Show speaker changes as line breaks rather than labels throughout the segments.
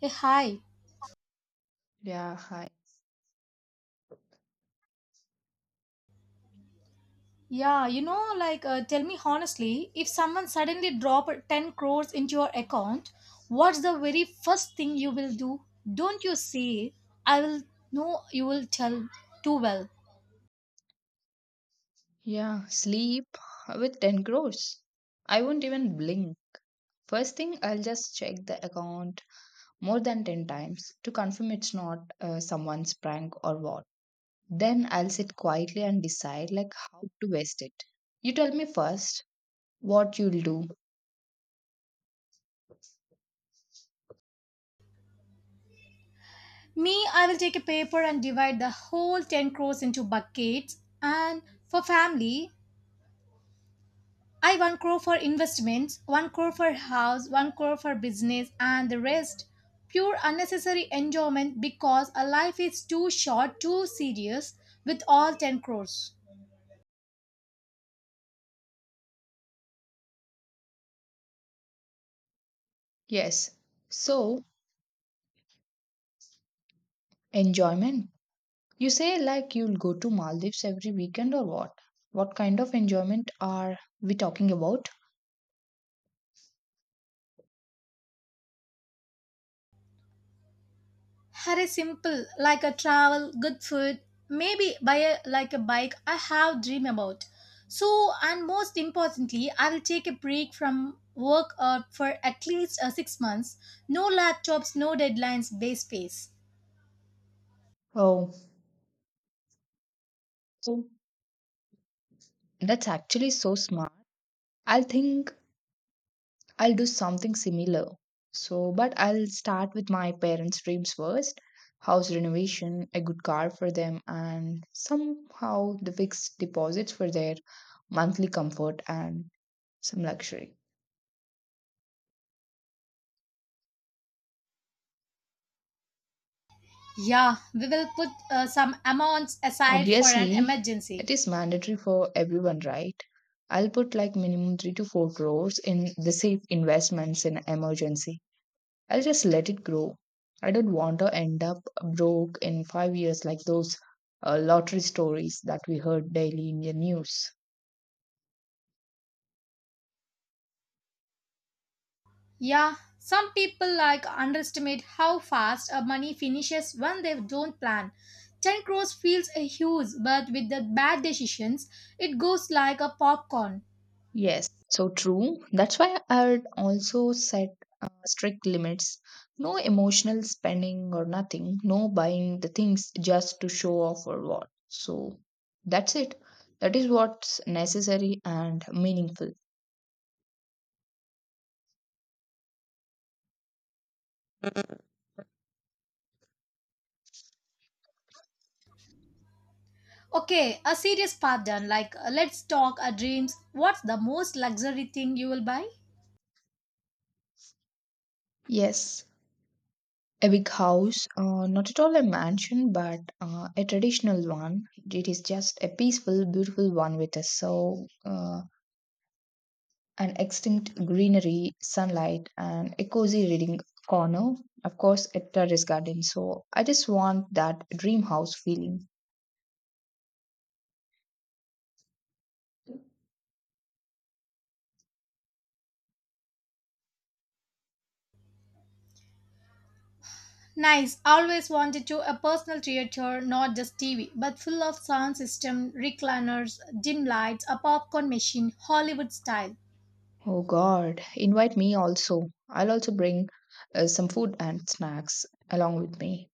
Hey, hi.
Yeah, hi.
Yeah, tell me honestly, if someone suddenly drop 10 crores into your account, what's the very first thing you will do? Don't you say, I will, no, you will tell too well.
Yeah, sleep with 10 crores. I won't even blink. First thing, I'll just check the account more than 10 times to confirm it's not someone's prank or what. Then I'll sit quietly and decide like how to waste it. You tell me first what you'll do.
Me, I will take a paper and divide the whole 10 crores into buckets. And for family, I one crore for investments, one crore for house, one crore for business, and the rest pure unnecessary enjoyment because a life is too short, too serious with all 10 crores.
Yes. So, enjoyment. You say like you'll go to Maldives every weekend or what? What kind of enjoyment are we talking about?
Had a simple like a travel, good food, maybe buy a, like a bike I have dream about. So and most importantly, I will take a break from work for at least 6 months. No laptops, no deadlines, base space.
Oh, so that's actually so smart. I think I'll do something similar. So, but I'll start with my parents' dreams first, house renovation, a good car for them, and somehow the fixed deposits for their monthly comfort and some luxury.
Yeah, we will put some amounts aside for an
Obviously, it
emergency.
is mandatory for everyone, right? I'll put like minimum 3 to 4 crores in the safe investments in emergency. I'll just let it grow. I don't want to end up broke in five years like those lottery stories that we heard daily in the news.
Yeah, some people like underestimate how fast money finishes when they don't plan. 10 crores feels a huge, but with the bad decisions, it goes like a popcorn.
Yes, so true. That's why I'd also set strict limits. No emotional spending or nothing. No buying the things just to show off or what. So that's it. That is what's necessary and meaningful.
Okay, a serious part done. Let's talk dreams. What's the most luxury thing you will buy?
Yes, a big house, not at all a mansion, but a traditional one. It is just a peaceful, beautiful one with a so an extinct greenery, sunlight, and a cozy reading corner. Of course, a terrace garden. So I just want that dream house feeling.
Nice. Always wanted to a personal theater, not just TV, but full of sound system, recliners, dim lights, a popcorn machine, Hollywood style.
Oh God, invite me also. I'll also bring some food and snacks along with me.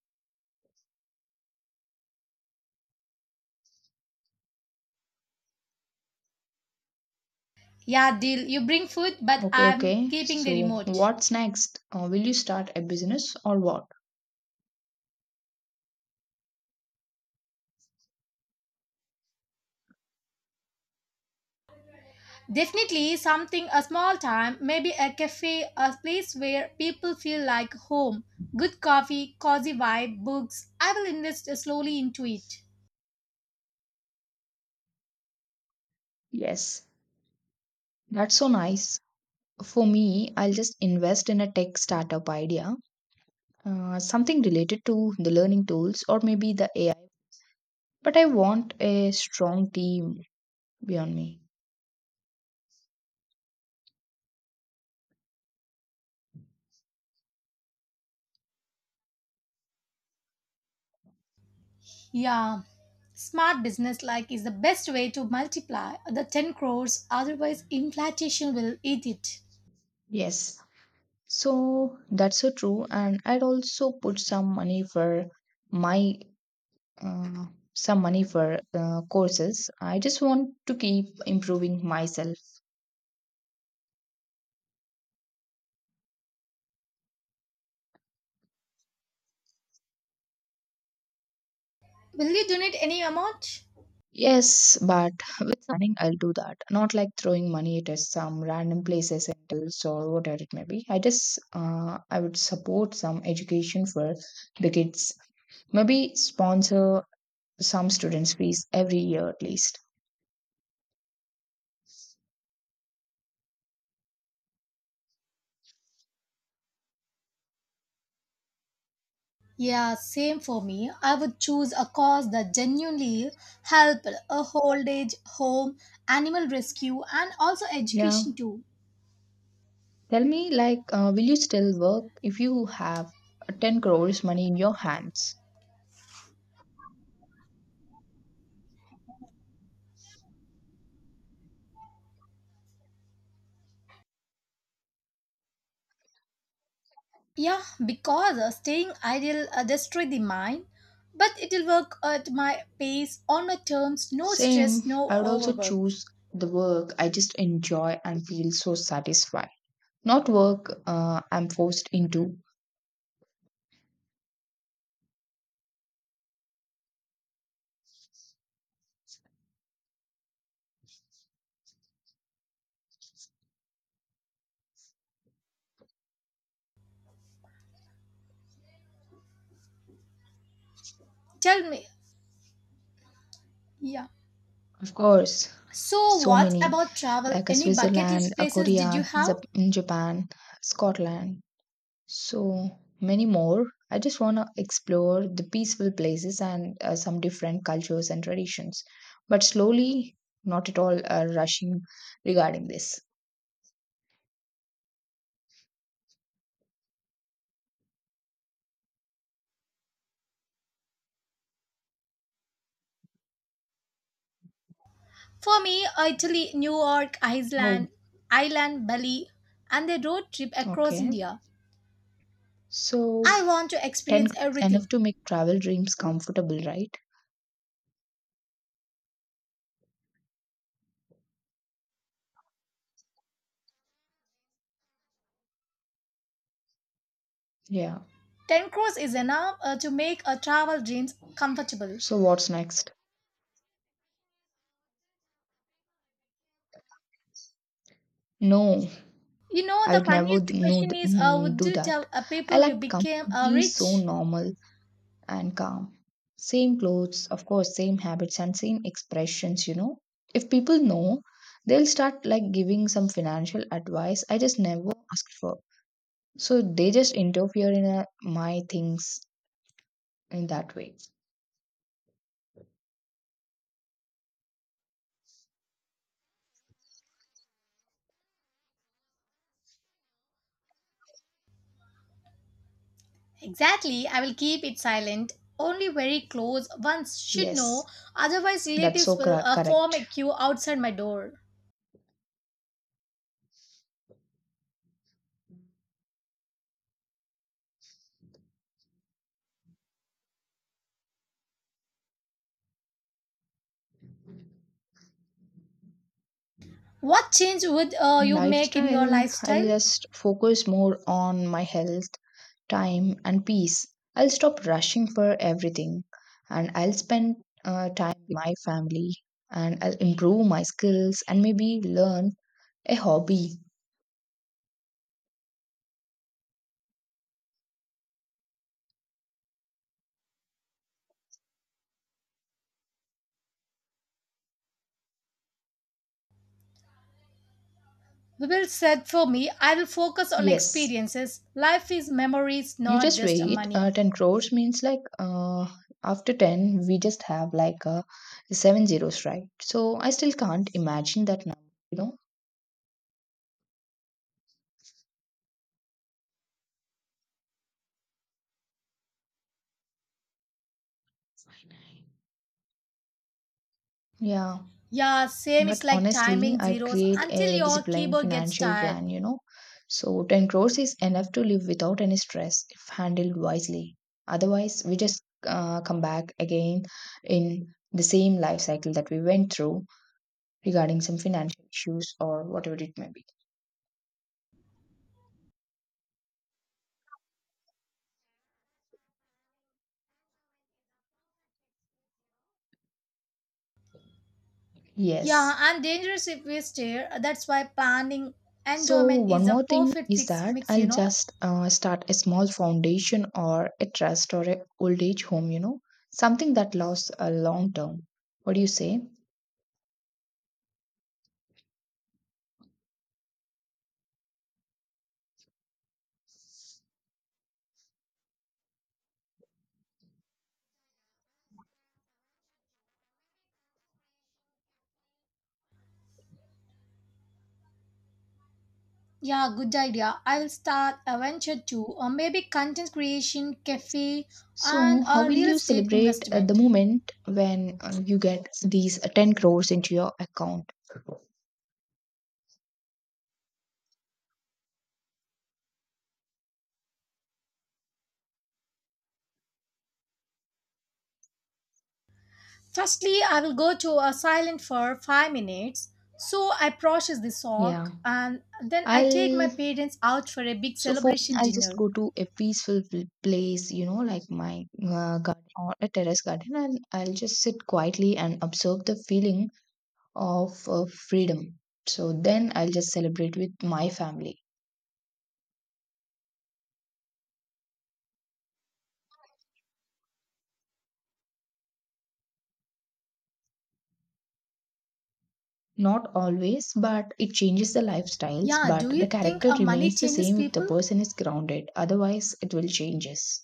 Yeah, deal. You bring food, but
Okay,
I'm
okay.
keeping the
So
remote.
what's next? Will you start a business or what?
Definitely something a small time, maybe a cafe, a place where people feel like home. Good coffee, cozy vibe, books. I will invest slowly into it.
Yes. That's so nice. For me, I'll just invest in a tech startup idea, something related to the learning tools or maybe the AI. But I want a strong team beyond me.
Yeah. Smart business like is the best way to multiply the 10 crores, otherwise, inflation will eat it.
Yes. So that's so true. And I'd also put some money for my uh, some money for courses. I just want to keep improving myself.
Will you donate any amount?
Yes, but with planning, I'll do that. Not like throwing money at some random places and deals or whatever it may be. I just, I would support some education for the kids. Maybe sponsor some students' fees every year at least.
Yeah, same for me. I would choose a cause that genuinely help a old age home, animal rescue, and also
Yeah.
education too.
Tell me, like, will you still work if you have 10 crores money in your hands?
Yeah, because staying idle destroy the mind, but it'll work at my pace, on my terms, no stress,
Same.
no
I would also
overwork.
choose the work I just enjoy and feel so satisfied. Not work I'm forced into.
Tell me. Yeah.
Of course,
So,
so
what
many
about travel?
like a
Any bucket
Switzerland,
list
a
places did you
Korea,
have?
Zap- in Japan, Scotland, so many more. I just want to explore the peaceful places and some different cultures and traditions, but slowly, not at all rushing regarding this.
For me, Italy, New York,
Oh,
Iceland, Ireland, Bali, and the road trip across
okay.
India.
So
I want to
10
experience
crores enough
everything.
to make travel dreams comfortable, right? Yeah.
10 crores is enough to make a travel dreams comfortable.
So what's next? No,
You know,
I
the
would never
funniest
d- know
question
th-
is
mm,
would
do
you
that.
tell
I
people you
act
became
completely so
rich?
normal and calm. Same clothes, of course, same habits and same expressions. If people know, they'll start like giving some financial advice I just never asked for. So they just interfere in my things in that way.
Exactly, I will keep it silent. Only very close ones should know,
Yes,
otherwise,
that's
relatives
so
will form
correct.
a queue outside my door. What change would you make in your
Lifestyle, I'll
lifestyle?
just focus more on my health, time, and peace. I'll stop rushing for everything and I'll spend time with my family and I'll improve my skills and maybe learn a hobby.
Will said for me, I will focus on
Yes,
experiences. Life is memories,
you
not
just
just
wait.
money.
10 crores means like after 10, we just have like seven zeros, right? So I still can't imagine that number, you know? Yeah.
Yeah, same. It's
But
like
honestly,
timing
I'd
zeros
create
until
a
your
disciplined
keyboard gets
financial
tired.
plan, you know. So 10 crores is enough to live without any stress if handled wisely. Otherwise, we just come back again in the same life cycle that we went through regarding some financial issues or whatever it may be.
Yeah,
Yes.
and dangerous if we stare. That's why planning
So,
enjoyment
one
is a
more thing
perfect
is
fix
that
mix.
I'll
You know.
just start a small foundation or a trust or a old age home, you know, something that lasts a long term. What do you say?
Yeah, good idea. I will start a venture too, or maybe content creation, cafe,
So,
and
how
a
will
real
you
estate
celebrate the
investment.
moment when you get these 10 crores into your account?
Firstly, I will go to a silent for 5 minutes. So I process the
Yeah.
sock and then I take my
I'll
parents out for a big
so for me,
celebration
I'll just
dinner.
go to a peaceful place, you know, like my garden or a terrace garden, and I'll just sit quietly and observe the feeling of freedom. So then I'll just celebrate with my family. Not always, but it changes the lifestyles,
Yeah, do
but the
you think
character
money
remains the
changes
same if the
people?
person is grounded. Otherwise, it will changes.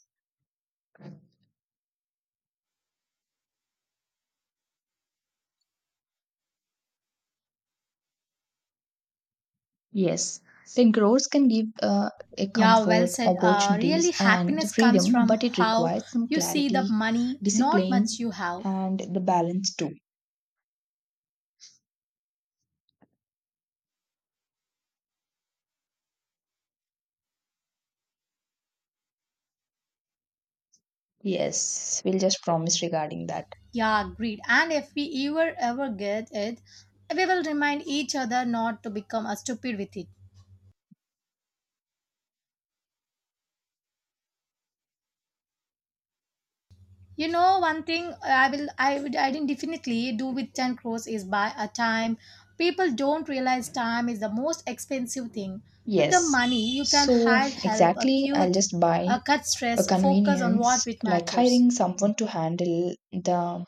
Yes, the growth can give a
Yeah, well
comfort,
said.
opportunities,
Really,
and the
happiness comes
freedom,
from
but it
how
requires some
you see the
clarity,
money, not much
discipline,
you have.
and the balance too. Yes, we'll just promise regarding that.
Yeah, agreed. And if we ever get it, we will remind each other not to become stupid with it. You know, one thing I will, I would, I didn't definitely do with 10 crores is buy a time. People don't realize time is the most expensive thing. With the
Yes,
money, you can
so
hire help,
exactly, I'll
acute,
just buy
cut
a
stress, focus on
convenience
what it
like
matters.
hiring someone to handle the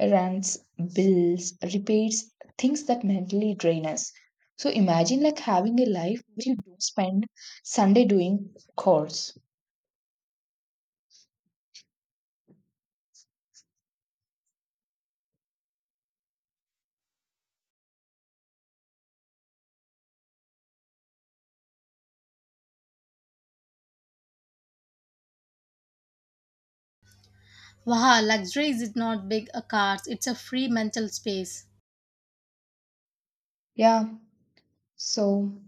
errands, bills, repairs, things that mentally drain us. So imagine like having a life where you don't spend Sunday doing chores.
Wow, luxury is not big a cars, it's a free mental space.
Yeah, so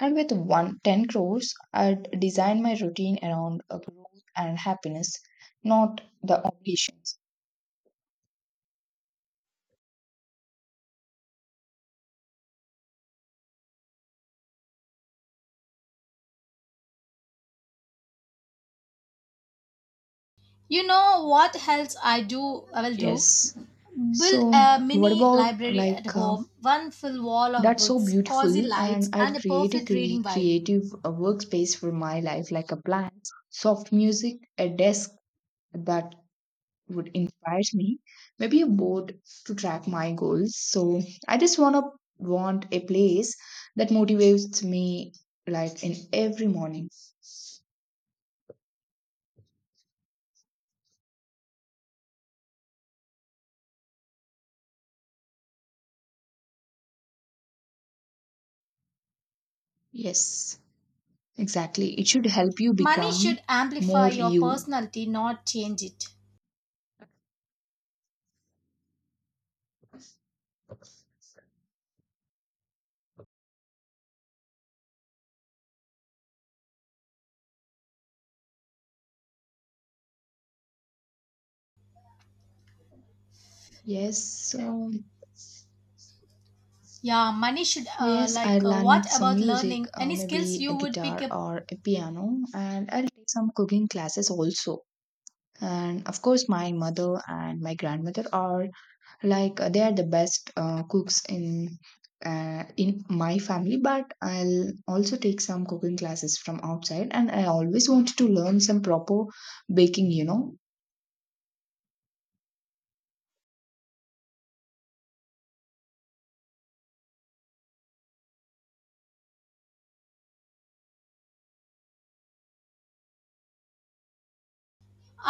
and with one ten crores, I'd design my routine around a growth and happiness, not the obligations.
You know what else I will do?
Yes.
Build
So
a
what
mini
about
library at
like
home, one full wall of
that's so
books, cozy
beautiful,
lights,
and I'd
and a
create a
perfect reading vibe.
creative workspace for my life, like a plant, soft music, a desk that would inspires me, maybe a board to track my goals. So I just want a place that motivates me like in every morning. Yes, exactly, it should help you
Money
become
should amplify
more
your
you.
personality, not change it.
Yes. So
Yeah, money should,
oh yes, I
what
learned some
about
music,
learning any
maybe
skills
a
you would pick
guitar
up?
or a piano, and I'll take some cooking classes also. And of course my mother and my grandmother are, like they are the best cooks in my family, but I'll also take some cooking classes from outside, and I always wanted to learn some proper baking. You know,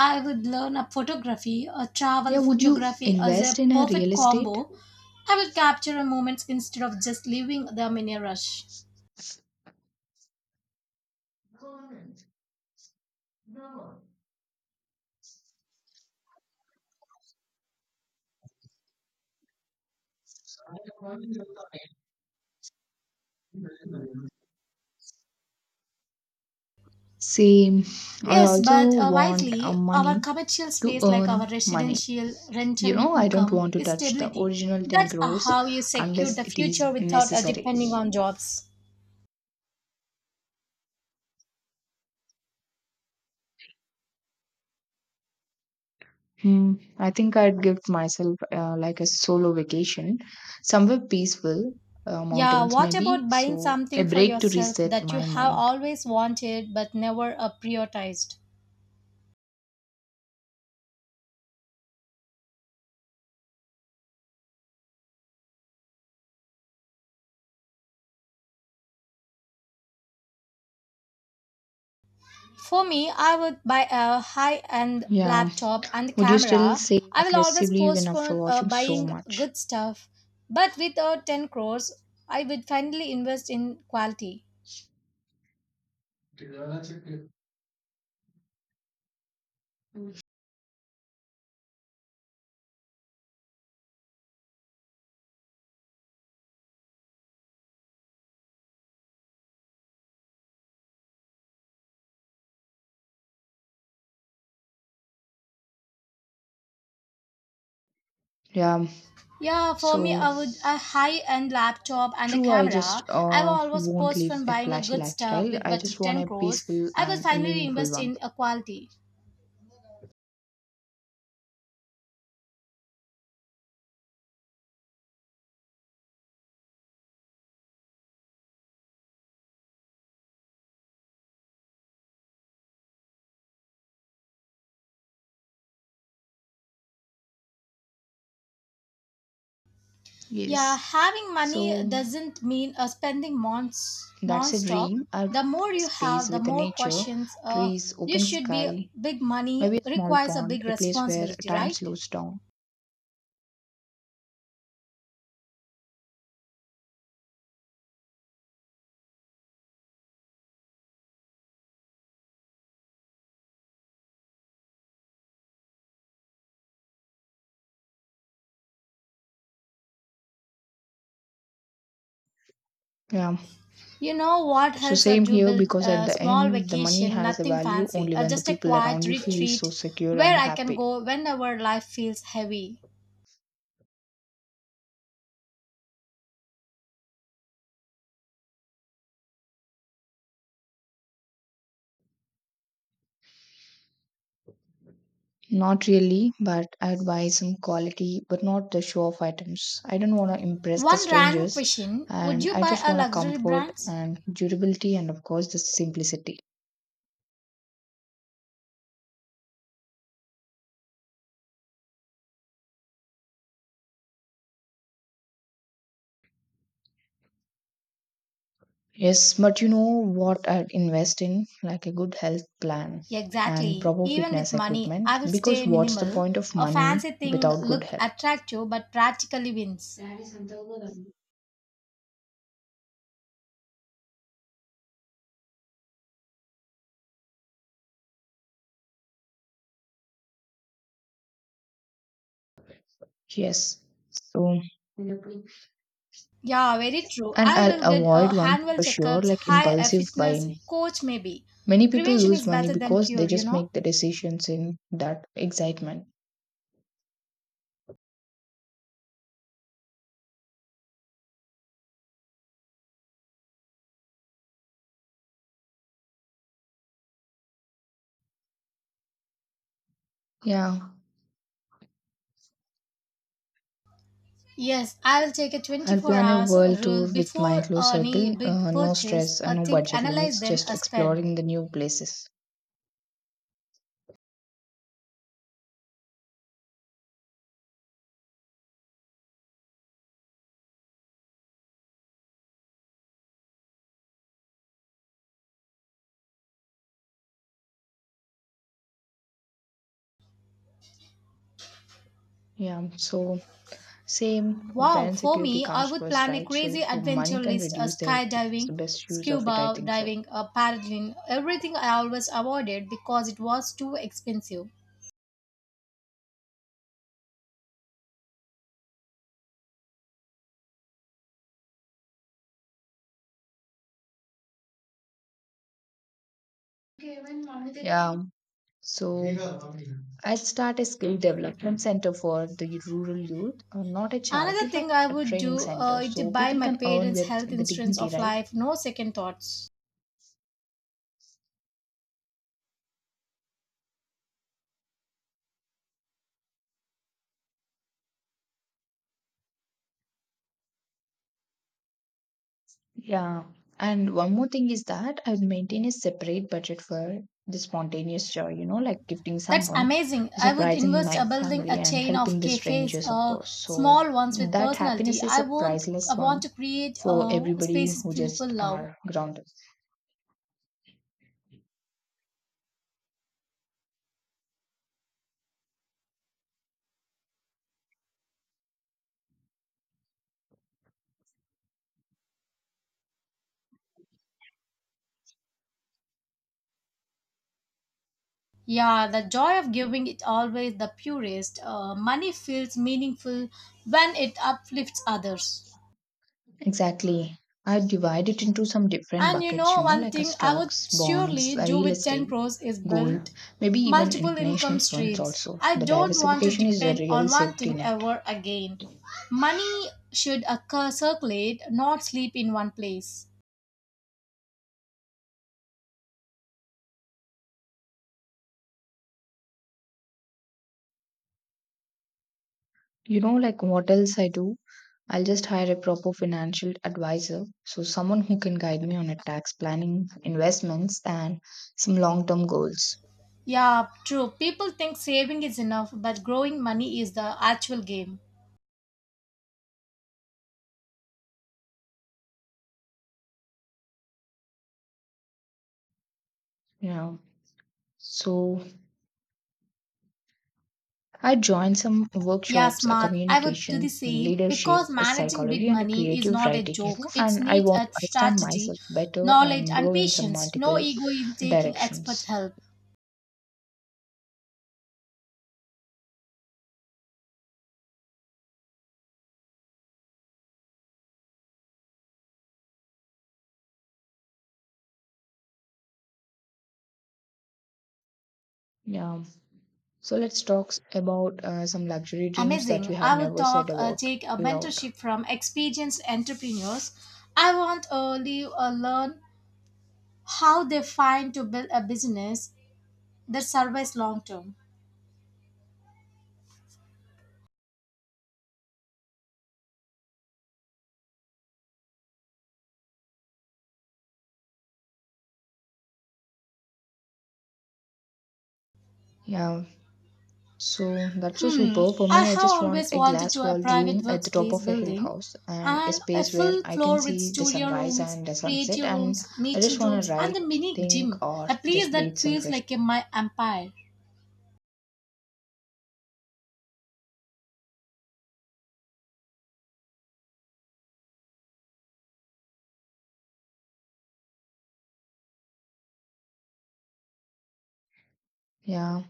I would learn a photography, a
yeah.
travel
Would you
photography as
invest
a
in a
perfect
real estate?
combo. I will capture a moments instead of just leaving them in a rush.
Same. I
Yes,
also
but
want
wisely, our
money
commercial
to
space, like our
earn money.
residential
You
rental
know, I don't
income,
want to
is
touch the
stability.
original 10
That's
crores
how you secure
unless
the
it is
future without
necessary.
depending on jobs.
Hmm. I think I'd give myself like a solo vacation, somewhere peaceful,
Yeah,
mountains
what
maybe.
about buying
So a
something for
break to
yourself
reset
that you
my
have
mind.
always wanted but never prioritized? For me, I would buy a high end
Yeah.
laptop and
Would you still
camera.
say
I will always
aggressively even after
postpone
watching so
buying
much?
good stuff, but with 10 crores, I would finally invest in quality.
Yeah.
Yeah, for me,
So
I would a high end laptop and a
true. I just
camera. I will always
won't live
postpone
a
buying a
flashy
good stuff
lifestyle.
with
I
but
just want
10
a
crores.
peaceful
I will
and a
finally
meaningful
invest
one.
in a quality. Yeah,
Yes.
having money
So
doesn't mean spending months
that's a
non-stop.
dream. I'd
The more
create
you
space
have, the
with the
more
nature,
questions
trees,
you
open
should be.
sky,
Big money
maybe a small
requires a
pond,
big
a place where
responsibility,
time
right?
slows down. Yeah.
You know what
So
helps
same
do
here,
build
because at
a
the
small
end the money
vacation,
has a
nothing
value
fancy,
only when the
just a
people
quiet
around you feel so
retreat
secure
where
and
I can
happy.
go whenever life feels heavy.
Not really, but I'd buy some quality, but not the show off items. I don't want to impress the
One random
strangers
question, would
and
you
I
buy
just
a
want a
luxury
comfort
brands?
and durability and of course the simplicity. Yes, but you know what I'd invest in? Like a good health plan and
Exactly.
proper
Even
fitness
with money,
equipment.
I will
Because
stay
what's the
minimal.
point of
A
money
fancy thing
without good
look
health?
attractive but practically wins.
Yes. So, and
Yeah, very true. I
I'll
will get
avoid one thing
annual
for sure,
checkups,
like
hire a
impulsive
fitness
buying.
coach maybe.
Many people
Prevention
lose
is
money
better than
because they
cure, you
just
know?
make the decisions in that excitement. Yeah.
Yes, I will take a
I'll
24
plan a
hours
world tour
rule
with my
before
close
any
circle.
big
No
purchase,
stress and
a
no
think,
budget
analyze,
limits,
then
just
a spend.
exploring the new places. Yeah. So, same,
Wow,
parent
for
security
me, I
comes
would
first,
plan a
right? So
crazy
if
adventure
money can
list a
reduce their worries, it's the
skydiving,
best use of it, I
scuba
think so.
diving, a paddling, everything I always avoided because it was too expensive.
Okay, when money did- yeah, so I'd start a skill development center for the rural youth, not a
Another
charity,
thing
but
I
a
would
training
do
center.
is to
So
buy
people
my
can earn
parents'
with
health
the
insurance
dignity,
of
right?
life, no second thoughts.
Yeah. And one more thing is that I'd maintain a separate budget for the spontaneous joy, you know, like gifting
That's
someone,
amazing. I would
surprising
invest
my
a building a
family, and
chain
helping
of
the
cafes,
strangers, of course. So
small ones with
that happiness
personality.
is a priceless
I want
one
to create
for everybody
spaces
who
people
just
love.
are grounded.
Yeah, the joy of giving it always the purest. Money feels meaningful when it uplifts others.
Exactly. I divide it into some different
And you
buckets, you
know,
know,
one
like a
thing I would
stocks, bonds,
surely
a
do
real
with 10
estate,
crores is
gold,
build
maybe even
multiple
international
income
funds
streams.
also.
I
The
don't want to
diversification is a
depend
real
on one
safety
thing
net.
ever again. Money should occur, circulate, not sleep in one place.
You know, like what else I do? I'll just hire a proper financial advisor, so someone who can guide me on a tax planning, investments, and some long-term goals.
Yeah, true. People think saving is enough, but growing money is the actual game.
You know, so I joined some
Yeah,
workshops, a
smart. I would do
communication,
the same
leadership,
because
a
managing
psychology,
big
and a
money is
creative
not a
writing. You know,
joke. It
and I
needs
want
a
to understand
strategy,
myself better
knowledge,
and
and
grow in some
patience. No
multiple
ego in taking expert
directions.
help.
Yeah. So let's talk about some luxury dreams that
Amazing.
you have
I would
never said
talk,
about
take a
loud.
mentorship from experienced entrepreneurs. I want early learn how they find to build a business that survives long term.
Yeah. So that's so
Hmm,
super. For
I
me, I
have
just want
always
a
wanted
glass
to a
walled
private
room at the top
workspace
of a hill
building
house and a
and a
space where
full
I can
floor with
see the
studio
sunrise
rooms,
and the sunset.
creative
And
rooms,
I just
meeting
want to
rooms, and
write,
a mini
think,
gym.
or
A place
just breathe
that
some
feels
fresh
like
air.
a my empire.
Yeah.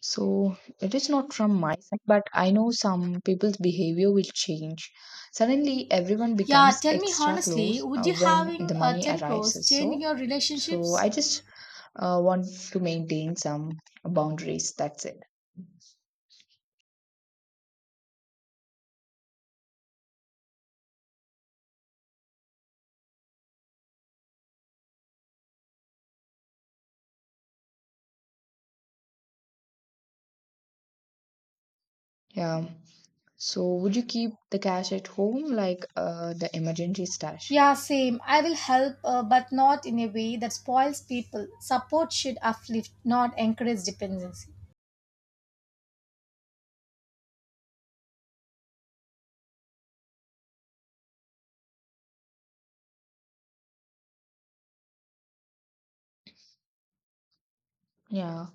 So it is not from my side, but I know some people's behavior will change. Suddenly, everyone
Yeah,
becomes
tell me
extra
honestly,
close
would you
when
having
the money
10
arrives.
crores changing
So,
your
so I
relationships?
just want to maintain some boundaries. That's it. Yeah. So would you keep the cash at home, like the emergency stash?
Yeah, same. I will help, but not in a way that spoils people. Support should uplift, not encourage dependency.
Yeah.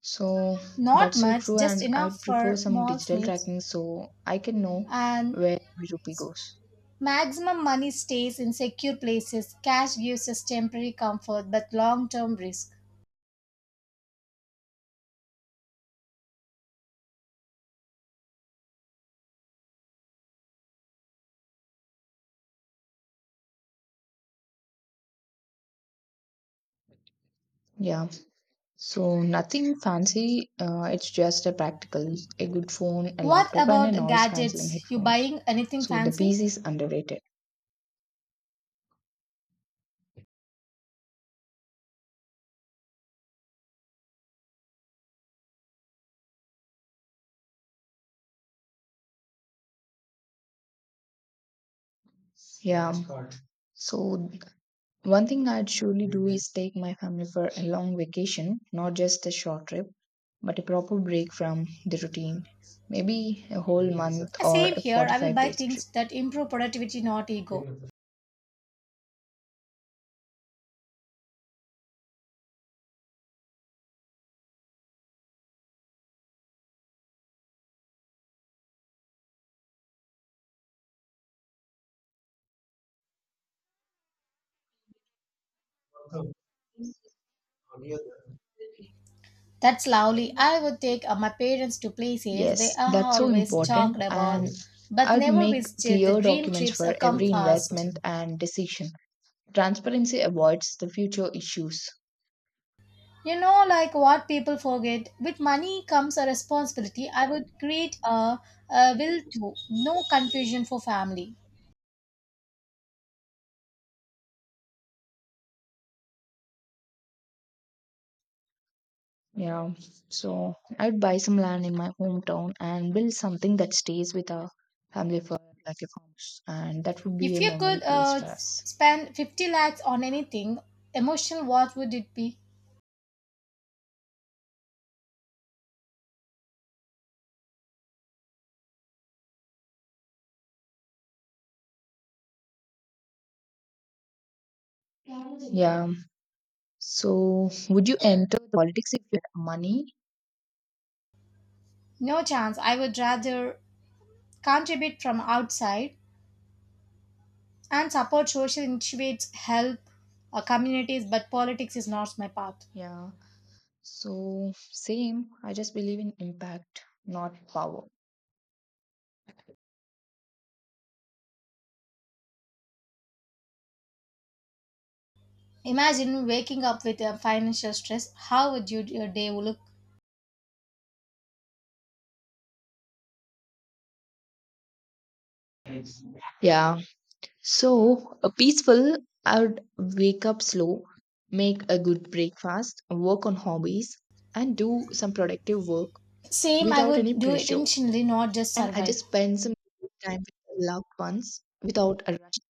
So
Not
that's so
much,
true,
just
and I'd
enough
prefer
for
some
mall's
digital
needs.
tracking so I can know
And
where every rupee goes.
maximum money stays in secure places. Cash gives us temporary comfort but long term risk.
Yeah. So nothing fancy. It's just a practical, a good phone, a
What
laptop, and a
about
noise cancelling
gadgets? You
headphones.
buying anything
So the piece
fancy?
is underrated. Yeah. So one thing I'd surely do is take my family for a long vacation, not just a short trip, but a proper break from the routine. Maybe a whole month or
Same
a
here. I will
45
buy
days trip.
things that improve productivity, not ego. That's lovely. I would take my parents to places they
Yes,
are
that's so
always
important.
talked
And
about but
I'd
never
make
visited. The
clear
dream
documents
trips
for
come
every
fast.
investment and decision. Transparency avoids the future issues.
You know, like what people forget, with money comes a responsibility. I would create a will to, no confusion for family.
Yeah. So I'd buy some land in my hometown and build something that stays with our family for like a house, and that would be
If
a
you
memory
could
place for us.
spend 50 lakhs on anything emotional, what would it be?
Yeah. So would you enter the politics if you had money?
No chance. I would rather contribute from outside and support social initiatives, help communities, but politics is not my path.
Yeah. So same. I just believe in impact, not power.
Imagine waking up with a financial stress. How would your day look?
Yeah. So a peaceful, I would wake up slow, make a good breakfast, work on hobbies, and do some productive work
Same, I
without
would
any
do it
pressure.
intentionally, not just
And I
survive.
just spend some time with loved ones without a rush.